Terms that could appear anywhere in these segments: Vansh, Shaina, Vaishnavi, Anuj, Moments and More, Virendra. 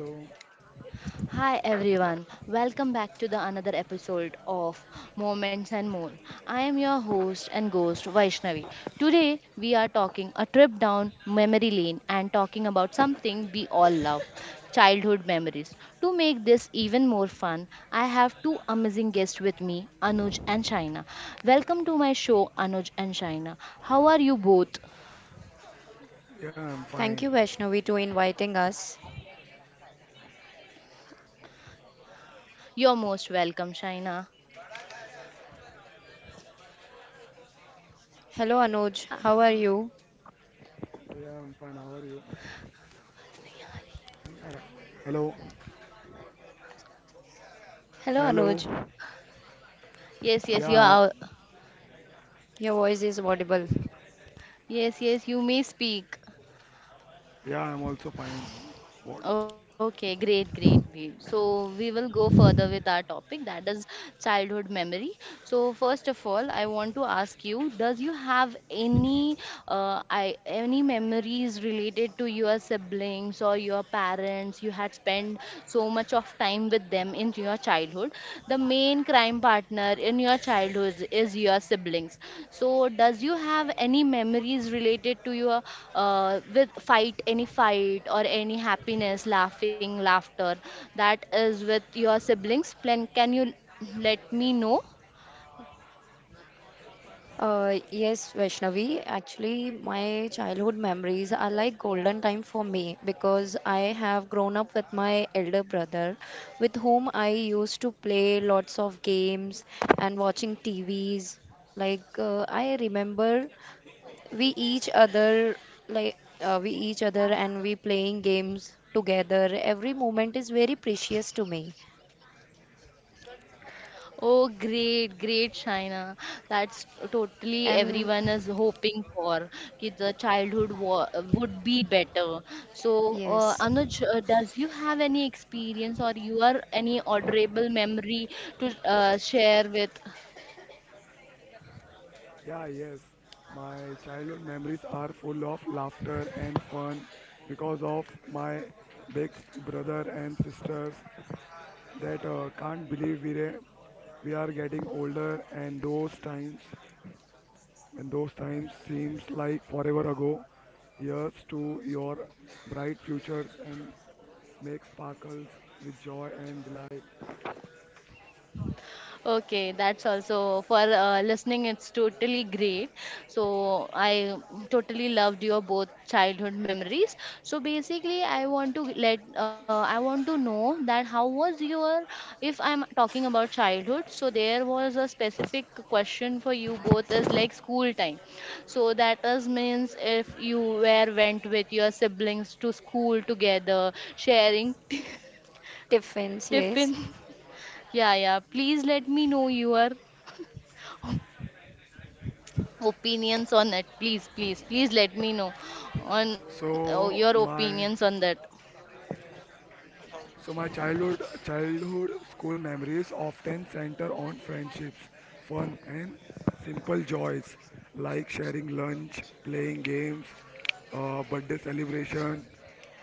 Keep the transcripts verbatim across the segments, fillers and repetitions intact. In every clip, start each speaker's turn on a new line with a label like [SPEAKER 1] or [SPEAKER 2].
[SPEAKER 1] Hello.
[SPEAKER 2] Hi everyone. Welcome back to the another episode of Moments and More. I am your host and ghost Vaishnavi. Today we are talking a trip down memory lane and talking about something we all love, childhood memories. To make this even more fun, I have two amazing guests with me, Anuj and Shaina. Welcome to my show Anuj and Shaina. How are you both?
[SPEAKER 1] Yeah, I'm
[SPEAKER 3] Thank
[SPEAKER 1] fine.
[SPEAKER 3] you, Vaishnavi, to inviting us.
[SPEAKER 2] You're most welcome, Shaina.
[SPEAKER 3] Hello, Anuj. How are you?
[SPEAKER 1] Yeah, I'm fine. How are you? Hello. Hello.
[SPEAKER 3] Hello,
[SPEAKER 1] Hello.
[SPEAKER 3] Anuj.
[SPEAKER 2] Yes, yes,
[SPEAKER 1] Yeah,
[SPEAKER 2] you
[SPEAKER 1] I'm.
[SPEAKER 2] are
[SPEAKER 1] al-
[SPEAKER 3] Your voice is audible.
[SPEAKER 2] Yes, yes, you may speak.
[SPEAKER 1] Yeah, I'm also fine. What?
[SPEAKER 2] Okay, great, great, great. So we will go further with our topic that is childhood memory. So first of all, I want to ask you, does you have any uh, I any memories related to your siblings or your parents? You had spent so much of time with them them in your childhood. The main crime partner in your childhood is your siblings. So does you have any memories related to your uh, with fight any fight or any happiness laughing laughter that is with your siblings plan can you let me know?
[SPEAKER 3] Uh, yes, Vaishnavi. Actually, my childhood memories are like golden time for me because I have grown up with my elder brother, with whom I used to play lots of games and watching T Vs. Like, uh, I remember we each other like uh, we each other and we playing games together. Every moment is very precious to me
[SPEAKER 2] Oh, great, great, Shaina. That's totally
[SPEAKER 3] and
[SPEAKER 2] everyone is hoping for. Ki the childhood wa would be better. So, uh,
[SPEAKER 3] yes,
[SPEAKER 2] Anuj, uh, does you have any experience or you are any adorable memory to uh, share with?
[SPEAKER 1] Yeah, yes. My childhood memories are full of laughter and fun because of my big s- brother and sisters that uh, can't believe we re- we are getting older and those times And those times seems like forever ago. Here's to your bright futures and make sparkles with joy and delight.
[SPEAKER 2] Okay, that's also for uh, listening. It's totally great. So I totally loved your both childhood memories. So basically, I want to let uh, I want to know that how was your if I'm talking about childhood. So there was a specific question for you both is like school time. So that is means if you were went with your siblings to school together, sharing
[SPEAKER 3] tiffins. Yes,
[SPEAKER 2] tiffin. Yeah, yeah. Please let me know your opinions on it. Please, please, please let me know on oh, your
[SPEAKER 1] So
[SPEAKER 2] opinions on
[SPEAKER 1] my
[SPEAKER 2] that.
[SPEAKER 1] So my childhood childhood school memories often center on friendships, fun and simple joys like sharing lunch, playing games, uh, birthday celebration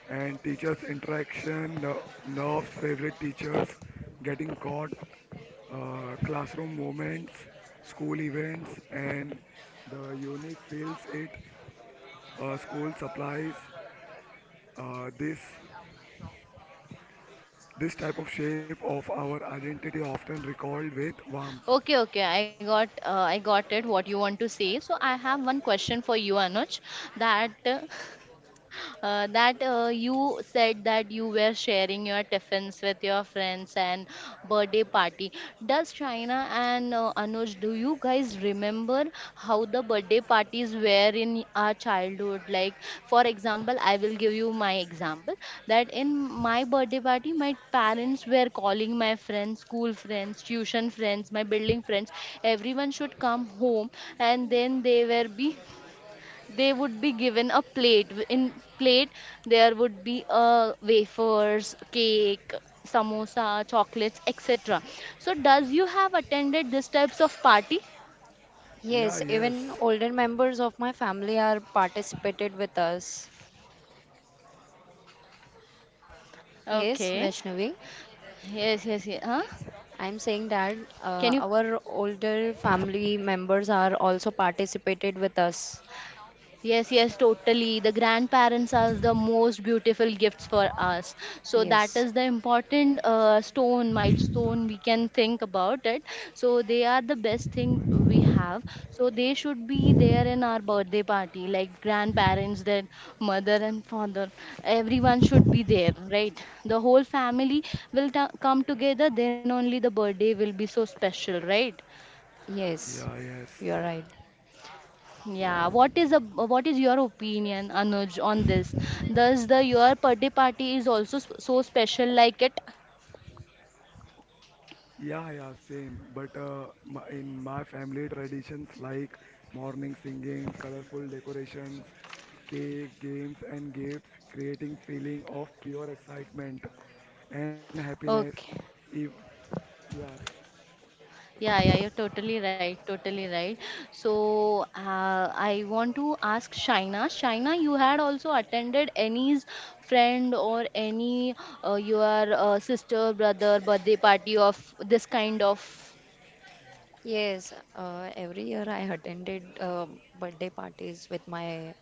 [SPEAKER 1] and teachers interaction, uh, nerves, favorite teachers, getting caught, uh, classroom moments, school events and the unique fields it, uh, school supplies, uh, this This type of shape of our identity often recalled with warmth.
[SPEAKER 2] Okay, okay, i got uh, i got it, what you want to say. So I have one question for you, Anuj, that uh, uh, that uh, you said that you were sharing your tiffins with your friends and birthday party. Does China and uh, Anuj, do you guys remember how the birthday parties were in our childhood? Like, for example, I will give you my example that in my birthday party, my parents were calling my friends, school friends, tuition friends, my building friends, everyone should come home, and then they were be they would be given a plate W- in plate, there would be uh, wafers, cake, samosa, chocolates, etc. So does you have attended these types of party?
[SPEAKER 3] yes,
[SPEAKER 1] Yeah,
[SPEAKER 3] even
[SPEAKER 1] yes.
[SPEAKER 3] older members of my family are participated with us. Yes,
[SPEAKER 2] Okay,
[SPEAKER 3] Vaishnavi,
[SPEAKER 2] yes, yes, yes, huh?
[SPEAKER 3] I'm saying that
[SPEAKER 2] Can you
[SPEAKER 3] uh, our older family members are also participated with us.
[SPEAKER 2] Yes, yes, totally. The grandparents are the most beautiful gifts for us. So that
[SPEAKER 3] Yes,
[SPEAKER 2] is the important uh, stone, milestone we can think about it. So they are the best thing we have. So they should be there in our birthday party, like grandparents, their mother and father. Everyone should be there, right? The whole family will ta- come together. Then only the birthday will be so special, right?
[SPEAKER 3] yes,
[SPEAKER 1] Yeah, yes.
[SPEAKER 3] you're right.
[SPEAKER 2] Yeah, what is a what is your opinion, Anuj, on this? Does the your birthday party is also sp- so special like it?
[SPEAKER 1] Yeah, yeah, same. But uh, my, in my family traditions like morning singing, colorful decorations, cake, games and gifts creating feeling of pure excitement and happiness.
[SPEAKER 2] Okay.
[SPEAKER 1] If, yeah,
[SPEAKER 2] Yeah, yeah, you're totally right, totally right. So, uh, I want to ask Shaina. Shaina, you had also attended any's friend or any uh, your uh, sister, brother birthday party of this kind of.
[SPEAKER 3] Yes, uh, every year I attended uh, birthday parties with my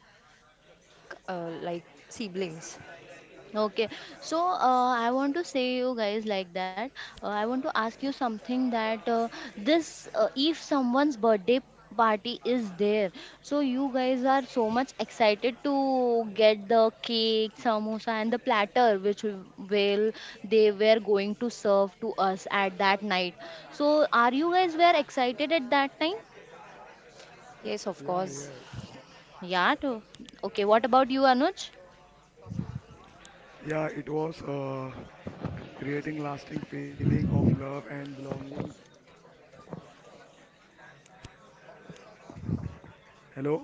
[SPEAKER 3] uh, like siblings.
[SPEAKER 2] Okay, so uh, I want to say you guys like that. Uh, I want to ask you something that uh, this uh, if someone's birthday party is there, so you guys are so much excited to get the cake, samosa, and the platter which will will- they were going to serve to us at that night. So are you guys were excited at that time?
[SPEAKER 3] Yes, of
[SPEAKER 1] yeah,
[SPEAKER 3] course.
[SPEAKER 1] yes.
[SPEAKER 2] Yeah. To, okay. What about you, Anuj?
[SPEAKER 1] Yeah, it was uh, creating lasting feeling of love and belongings. Hello?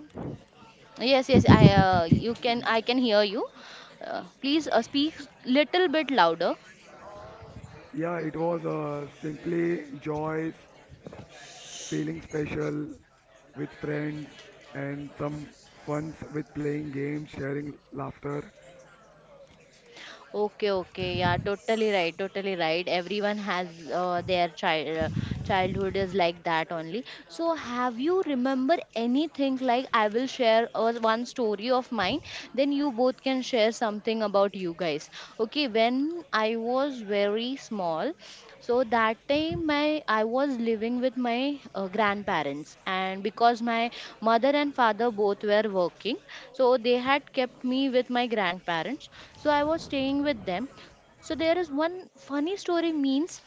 [SPEAKER 2] Yes, yes, I uh, you can I can hear you. Uh, please uh, speak little bit louder.
[SPEAKER 1] Yeah, it was uh, simply joys, feeling special with friends, and some funs with playing games, sharing laughter.
[SPEAKER 2] Okay, okay, yeah, totally right, totally right. Everyone has uh, their child uh, childhood is like that only. So, have you remember anything? Like, I will share uh, one story of mine, then you both can share something about you guys. Okay, when I was very small, so that time my I was living with my uh, grandparents, and because my mother and father both were working, so they had kept me with my grandparents. So I was staying with them. So there is one funny story. Means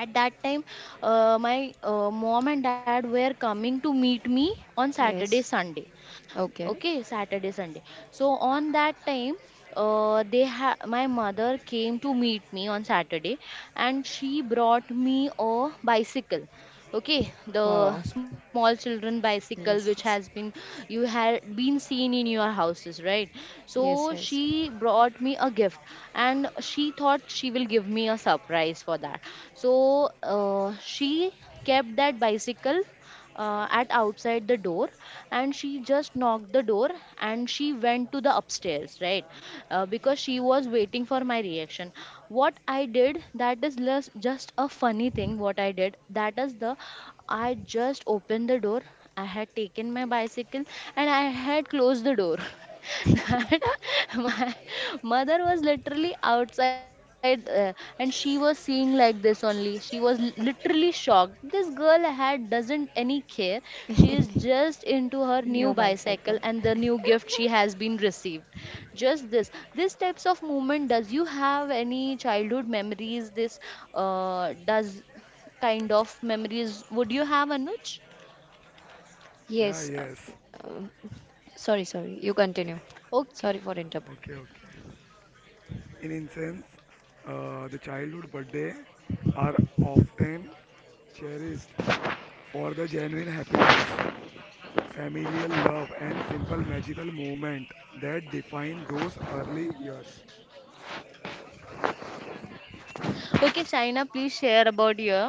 [SPEAKER 2] at that time, uh, my uh, mom and dad were coming to meet me on Saturday
[SPEAKER 3] Yes.
[SPEAKER 2] Sunday.
[SPEAKER 3] Okay.
[SPEAKER 2] Okay, Saturday Sunday. So on that time, uh, they ha- my mother came to meet me on Saturday, and she brought me a bicycle. Okay, the
[SPEAKER 3] Wow.
[SPEAKER 2] small children bicycle, which
[SPEAKER 3] Yes,
[SPEAKER 2] has
[SPEAKER 3] yes.
[SPEAKER 2] been you had been seen in your houses, right? So
[SPEAKER 3] Yes, yes.
[SPEAKER 2] she brought me a gift, and she thought she will give me a surprise for that. So uh, she kept that bicycle uh, at outside the door, and she just knocked the door, and she went to the upstairs, right? Uh, because she was waiting for my reaction. What I did that is less, Just a funny thing, what I did that is the I just opened the door. I had taken my bicycle, and I had closed the door that my mother was literally outside uh, and she was seeing like this only. She was l- literally shocked. This girl had doesn't any care. She is just into her
[SPEAKER 3] New
[SPEAKER 2] new
[SPEAKER 3] bicycle.
[SPEAKER 2] bicycle and the new gift she has been received just this. This types of movement, does you have any childhood memories this uh, does kind of memories would you have, Anuj?
[SPEAKER 1] Yeah,
[SPEAKER 3] Yes. Uh,
[SPEAKER 1] yes.
[SPEAKER 3] um, sorry, sorry. You continue.
[SPEAKER 2] Okay,
[SPEAKER 3] Sorry for interrupt.
[SPEAKER 1] Okay, okay. In instance, uh, the childhood birthday are often cherished for the genuine happiness, familial love, and simple magical moment that define those early years.
[SPEAKER 2] okay, China, please share about your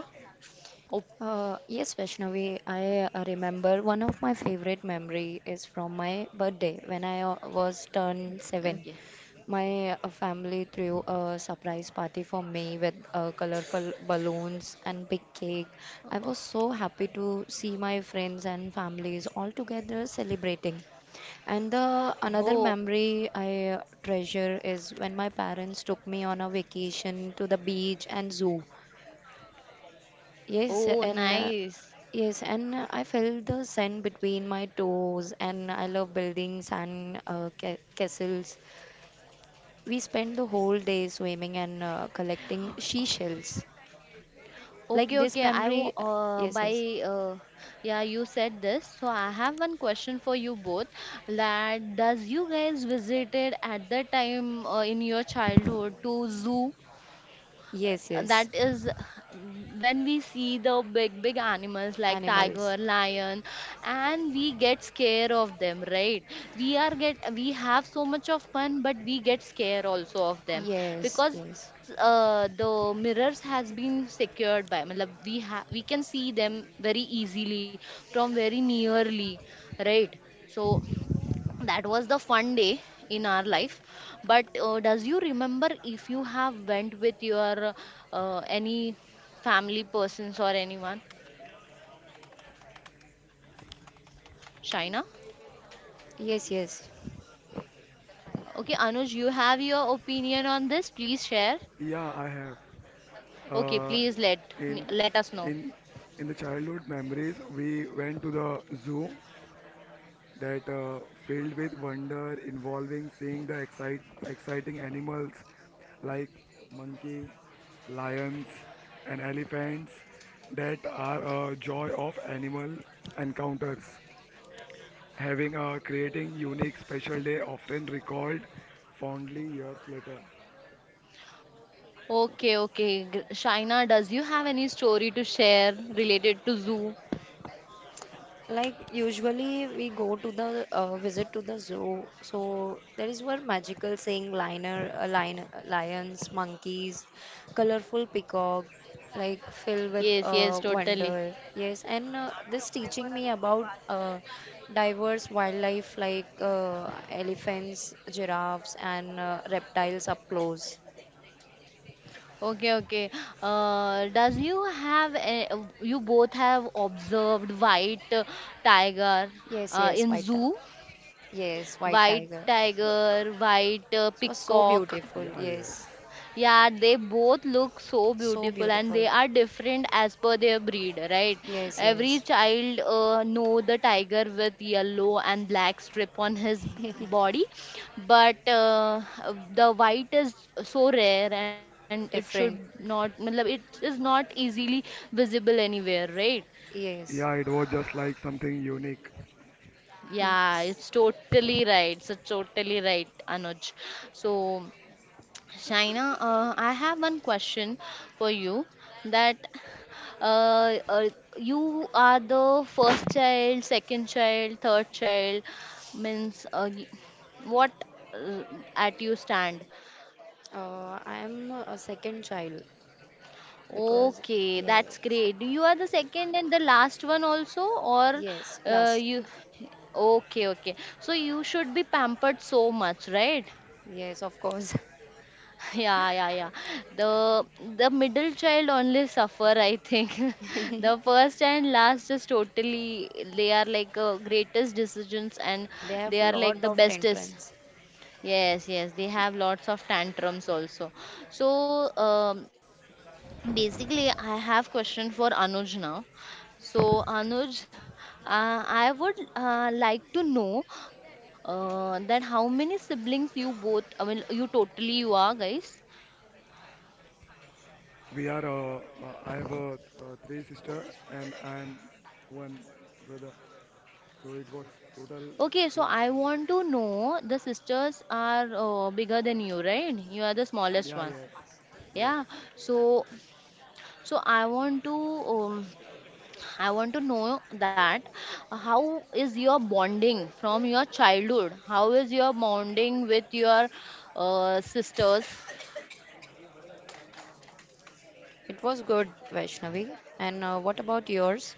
[SPEAKER 2] oh,
[SPEAKER 3] Uh, yes, Vaishnavi, I uh, remember one of my favorite memory is from my birthday when I uh, was turned seven.
[SPEAKER 2] okay.
[SPEAKER 3] My uh, family threw a surprise party for me with uh, colorful balloons and big cake. I was so happy to see my friends and families all together celebrating. And the
[SPEAKER 2] Oh,
[SPEAKER 3] another memory I uh, treasure is when my parents took me on a vacation to the beach and zoo. Yes,
[SPEAKER 2] oh,
[SPEAKER 3] and uh,
[SPEAKER 2] nice.
[SPEAKER 3] yes, and uh, I felt the sand between my toes, and I love buildings and uh, ca castles. We spent the whole day swimming and uh, collecting seashells.
[SPEAKER 2] Okay,
[SPEAKER 3] Like this
[SPEAKER 2] okay. I will,
[SPEAKER 3] memory,
[SPEAKER 2] uh,
[SPEAKER 3] yes,
[SPEAKER 2] by,
[SPEAKER 3] yes,
[SPEAKER 2] uh, yeah, you said this. So I have one question for you both. That does you guys visited at the time uh, in your childhood to zoo?
[SPEAKER 3] yes, yes,
[SPEAKER 2] That is, when we see the big big animals like tiger,
[SPEAKER 3] animals.
[SPEAKER 2] lion, and we get scared of them, right? we are get We have so much of fun, but we get scared also of them,
[SPEAKER 3] Yes,
[SPEAKER 2] because
[SPEAKER 3] yes,
[SPEAKER 2] uh, the mirrors has been secured by matlab, we ha- we can see them very easily from very nearly, right? So that was the fun day in our life. But uh, does you remember if you have went with your uh, any family persons or anyone, Shaina?
[SPEAKER 3] yes, yes.
[SPEAKER 2] Okay, Anuj, you have your opinion on this, please share.
[SPEAKER 1] Yeah, I have.
[SPEAKER 2] Okay,
[SPEAKER 1] Uh,
[SPEAKER 2] please let me
[SPEAKER 1] in
[SPEAKER 2] let us know.
[SPEAKER 1] in in the childhood memories, we went to the zoo that uh, filled with wonder, involving seeing the excite, exciting animals like monkey, lions, and elephants that are a joy of animal encounters. Having a creating unique special day often recalled fondly years later.
[SPEAKER 2] Okay, okay, Gr- Shaina, does you have any story to share related to zoo?
[SPEAKER 3] Like usually we go to the uh, visit to the zoo, so there is one magical seeing liner, uh, lion, lions, monkeys, colorful peacock, like filled with
[SPEAKER 2] Yes, yes,
[SPEAKER 3] uh,
[SPEAKER 2] totally.
[SPEAKER 3] wonder. Yes, and uh, this teaching me about uh, diverse wildlife like uh, elephants, giraffes, and uh, reptiles up close.
[SPEAKER 2] Okay, okay. Uh, does you have a, You both have observed white uh, tiger
[SPEAKER 3] Yes,
[SPEAKER 2] uh,
[SPEAKER 3] yes,
[SPEAKER 2] in
[SPEAKER 3] white tiger.
[SPEAKER 2] zoo,
[SPEAKER 3] Yes, white
[SPEAKER 2] white
[SPEAKER 3] tiger.
[SPEAKER 2] tiger, white uh,
[SPEAKER 3] It was so
[SPEAKER 2] peacock?
[SPEAKER 3] beautiful.
[SPEAKER 1] Yeah, yes.
[SPEAKER 3] Yes,
[SPEAKER 2] Yeah, they both look so
[SPEAKER 3] so
[SPEAKER 2] beautiful, and
[SPEAKER 3] beautiful.
[SPEAKER 2] they are different as per their breed, right?
[SPEAKER 3] Yes,
[SPEAKER 2] Every
[SPEAKER 3] yes.
[SPEAKER 2] child uh, know the tiger with yellow and black strip on his b- body, but uh, the white is so rare, and it should
[SPEAKER 3] Different,
[SPEAKER 2] not, matlab, it is not easily visible anywhere, right?
[SPEAKER 3] yes.
[SPEAKER 1] Yeah, it was just like something unique.
[SPEAKER 2] Yeah, it's totally right. So totally right, Anuj. So, Shaina, uh, I have one question for you, that uh, uh, you are the first child, second child, third child, means uh, y- what uh, at you stand.
[SPEAKER 3] Uh, I am a second child because
[SPEAKER 2] Okay,
[SPEAKER 3] yes,
[SPEAKER 2] that's great. You are the second and the last one also, or
[SPEAKER 3] yes,
[SPEAKER 2] uh,
[SPEAKER 3] last,
[SPEAKER 2] you. Okay, okay. So you should be pampered so much, right?
[SPEAKER 3] yes, of course.
[SPEAKER 2] Yeah, yeah, yeah. The the middle child only suffer, I think. The first and last is totally they are like uh, greatest decisions, and
[SPEAKER 3] They have
[SPEAKER 2] they are like
[SPEAKER 3] lot
[SPEAKER 2] the
[SPEAKER 3] of
[SPEAKER 2] bestest.
[SPEAKER 3] tantrums.
[SPEAKER 2] Yes, yes, they have lots of tantrums also. So um, basically, I have question for Anuj now. So Anuj, uh, I would uh, like to know uh, that how many siblings you both, I mean, you totally you are guys.
[SPEAKER 1] We are. Uh, uh, I have a uh, three sister and I am one brother. So it was total
[SPEAKER 2] Okay, so
[SPEAKER 1] four.
[SPEAKER 2] I want to know the sisters are uh, bigger than you, right? You are the smallest
[SPEAKER 1] Yeah.
[SPEAKER 2] one.
[SPEAKER 1] Yes. Yes.
[SPEAKER 2] Yeah. So, so I want to um, I want to know that how is your bonding from your childhood? How is your bonding with your uh, sisters?
[SPEAKER 3] It was good, Vaishnavi. And uh, what about yours?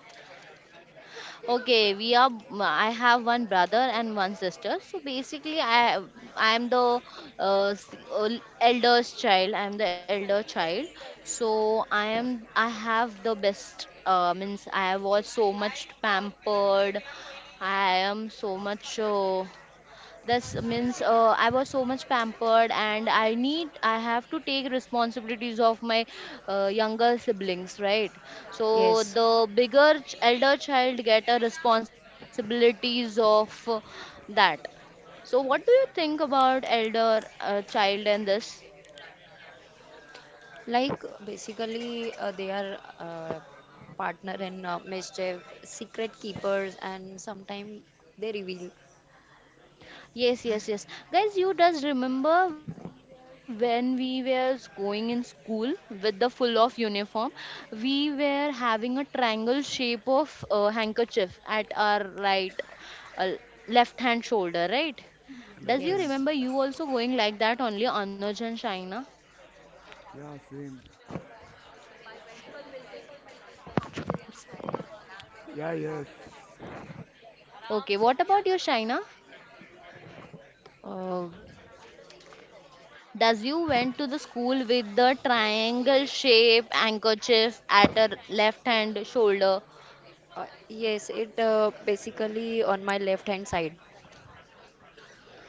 [SPEAKER 2] Okay, we are. I have one brother and one sister. So basically, I I am the uh, s- el- eldest child. I am the elder child. So I am. I have the best. Uh, means, I was so much pampered. I am so much. Uh, this means uh, I was so much pampered, and i need I have to take responsibilities of my uh, younger siblings, right? So
[SPEAKER 3] Yes,
[SPEAKER 2] the bigger ch- elder child get a responsibilities of uh, that. So what do you think about elder uh, child and this?
[SPEAKER 3] like basically uh, they are uh, partner in uh, mischief, secret keepers, and sometimes they reveal.
[SPEAKER 2] Yes, yes, yes. Guys, you does remember when we were going in school with the full of uniform, we were having a triangle shape of uh, handkerchief at our right, uh, left hand shoulder, right?
[SPEAKER 1] Yeah,
[SPEAKER 2] Does
[SPEAKER 1] left
[SPEAKER 2] you
[SPEAKER 1] hand.
[SPEAKER 3] Yes.
[SPEAKER 2] remember you also going like that only, Anuj and Shaina?
[SPEAKER 1] Yeah. Same. Yeah. Yes.
[SPEAKER 2] Okay, what about you, Shaina?
[SPEAKER 3] Uh,
[SPEAKER 2] Does you went to the school with the triangle shape handkerchief at her left hand shoulder.
[SPEAKER 3] uh, yes, it uh, basically on my left hand side.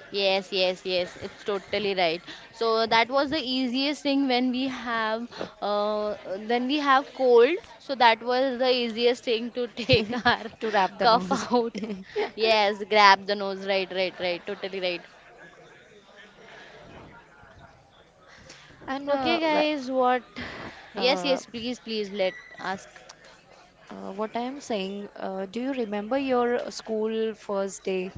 [SPEAKER 2] Yes, yes, yes. It's totally right. So that was the easiest thing when we have uh when we have cold. So that was the easiest thing to take our
[SPEAKER 3] To wrap the
[SPEAKER 2] cough
[SPEAKER 3] nose.
[SPEAKER 2] out. Yes, grab the nose. Right, right, right. Totally right.
[SPEAKER 3] And
[SPEAKER 2] Okay,
[SPEAKER 3] uh, wh-
[SPEAKER 2] guys. What? Yes,
[SPEAKER 3] uh,
[SPEAKER 2] yes. Please, please let ask.
[SPEAKER 3] uh, what I am saying, uh, do you remember your school first day?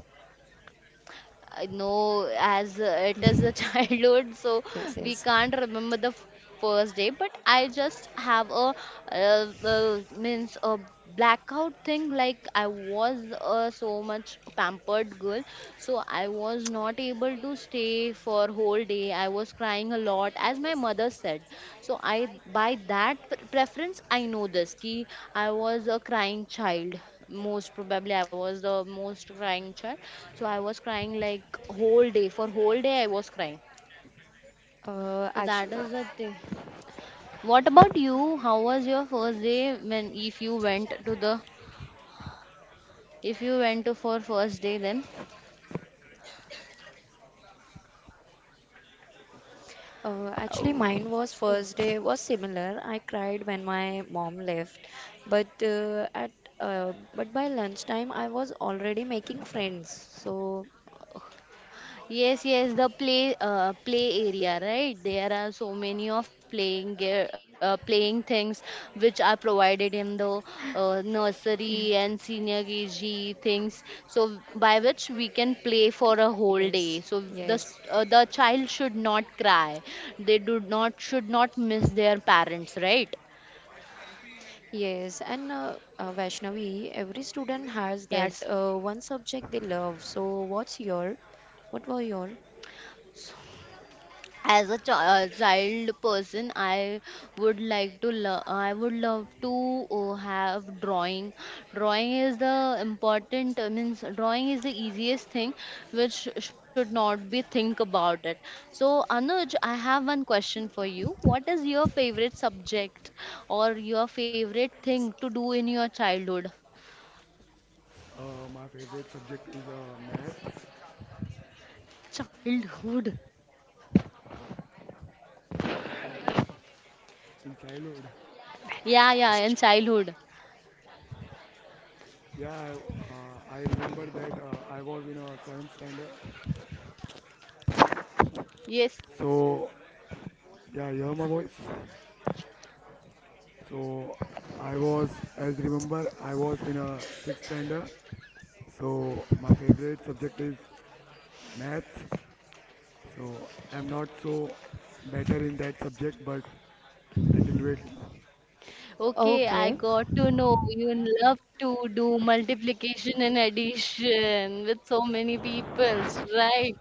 [SPEAKER 2] I know as uh, it is a childhood, so
[SPEAKER 3] Yes,
[SPEAKER 2] we
[SPEAKER 3] yes.
[SPEAKER 2] can't remember the first day. But I just have a uh, uh, means a blackout thing. Like, I was uh, so much pampered girl, so I was not able to stay for whole day. I was crying a lot, as my mother said. So I, by that pre- preference, I know this. Ki I was a crying child. Most probably, I was the most crying child. So I was crying like whole day. For whole day, I was crying.
[SPEAKER 3] Uh,
[SPEAKER 2] So that
[SPEAKER 3] actually,
[SPEAKER 2] is the thing. What about you? How was your first day when if you went to the if you went to for first day then?
[SPEAKER 3] uh, actually,
[SPEAKER 2] Uh,
[SPEAKER 3] mine was first day was similar. I cried when my mom left, but uh, at uh, but by lunchtime I was already making friends. So
[SPEAKER 2] Yes, yes, the play uh, play area, right? There are so many of playing gear, uh, playing things which are provided in the uh, nursery and senior K G things. So by which we can play for a whole day.
[SPEAKER 3] yes,
[SPEAKER 2] So the s-
[SPEAKER 3] yes.
[SPEAKER 2] uh, the child should not cry. They do not should not miss their parents, right?
[SPEAKER 3] Yes, and uh, uh, Vaishnavi, every student has that
[SPEAKER 2] Yes.
[SPEAKER 3] uh, one subject they love. So, what's your? What were your?
[SPEAKER 2] As a chi- uh, child person, I would like to lo- I would love to uh, have drawing. Drawing is the important uh, means drawing is the easiest thing which should not be think about it. So, Anuj, I have one question for you, what is your favorite subject or your favorite thing to do in your childhood?
[SPEAKER 1] Uh, my favorite subject is uh, maths
[SPEAKER 2] Childhood.
[SPEAKER 1] in childhood.
[SPEAKER 2] Yeah, yeah, in childhood.
[SPEAKER 1] Yeah. I, uh, I remember that uh, I was in a seventh standard.
[SPEAKER 2] Yes,
[SPEAKER 1] So yeah, you hear my voice. So I was, as remember, I was in a sixth standard. So my favorite subject is maths. So I'm not so better in that subject, but little bit.
[SPEAKER 2] okay, I
[SPEAKER 3] Okay,
[SPEAKER 2] got to know you love to do multiplication and addition with so many peoples, right?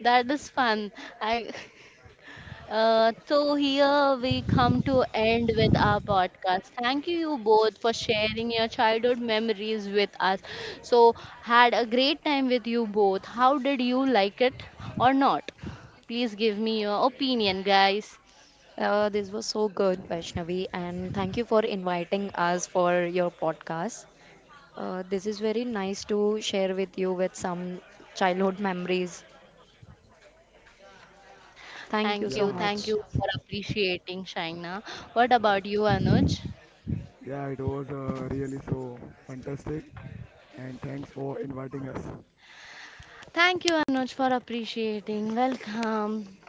[SPEAKER 2] That is fun. I uh, so here we come to end with our podcast. Thank you you both for sharing your childhood memories with us. So had a great time with you both. How did you like it or not? Please give me your opinion, guys.
[SPEAKER 3] uh, this was so good, Vaishnavi, and thank you for inviting us for your podcast. Uh, this is very nice to share with you with some childhood memories. Thank
[SPEAKER 2] Thank
[SPEAKER 3] you
[SPEAKER 2] you.
[SPEAKER 3] so
[SPEAKER 1] Yeah,
[SPEAKER 2] Thank
[SPEAKER 3] much.
[SPEAKER 2] you for appreciating, Shaina. What about you, Anuj?
[SPEAKER 1] yeah, it was uh, really so fantastic, and thanks for inviting us.
[SPEAKER 2] Thank you, Anuj, for appreciating. Welcome.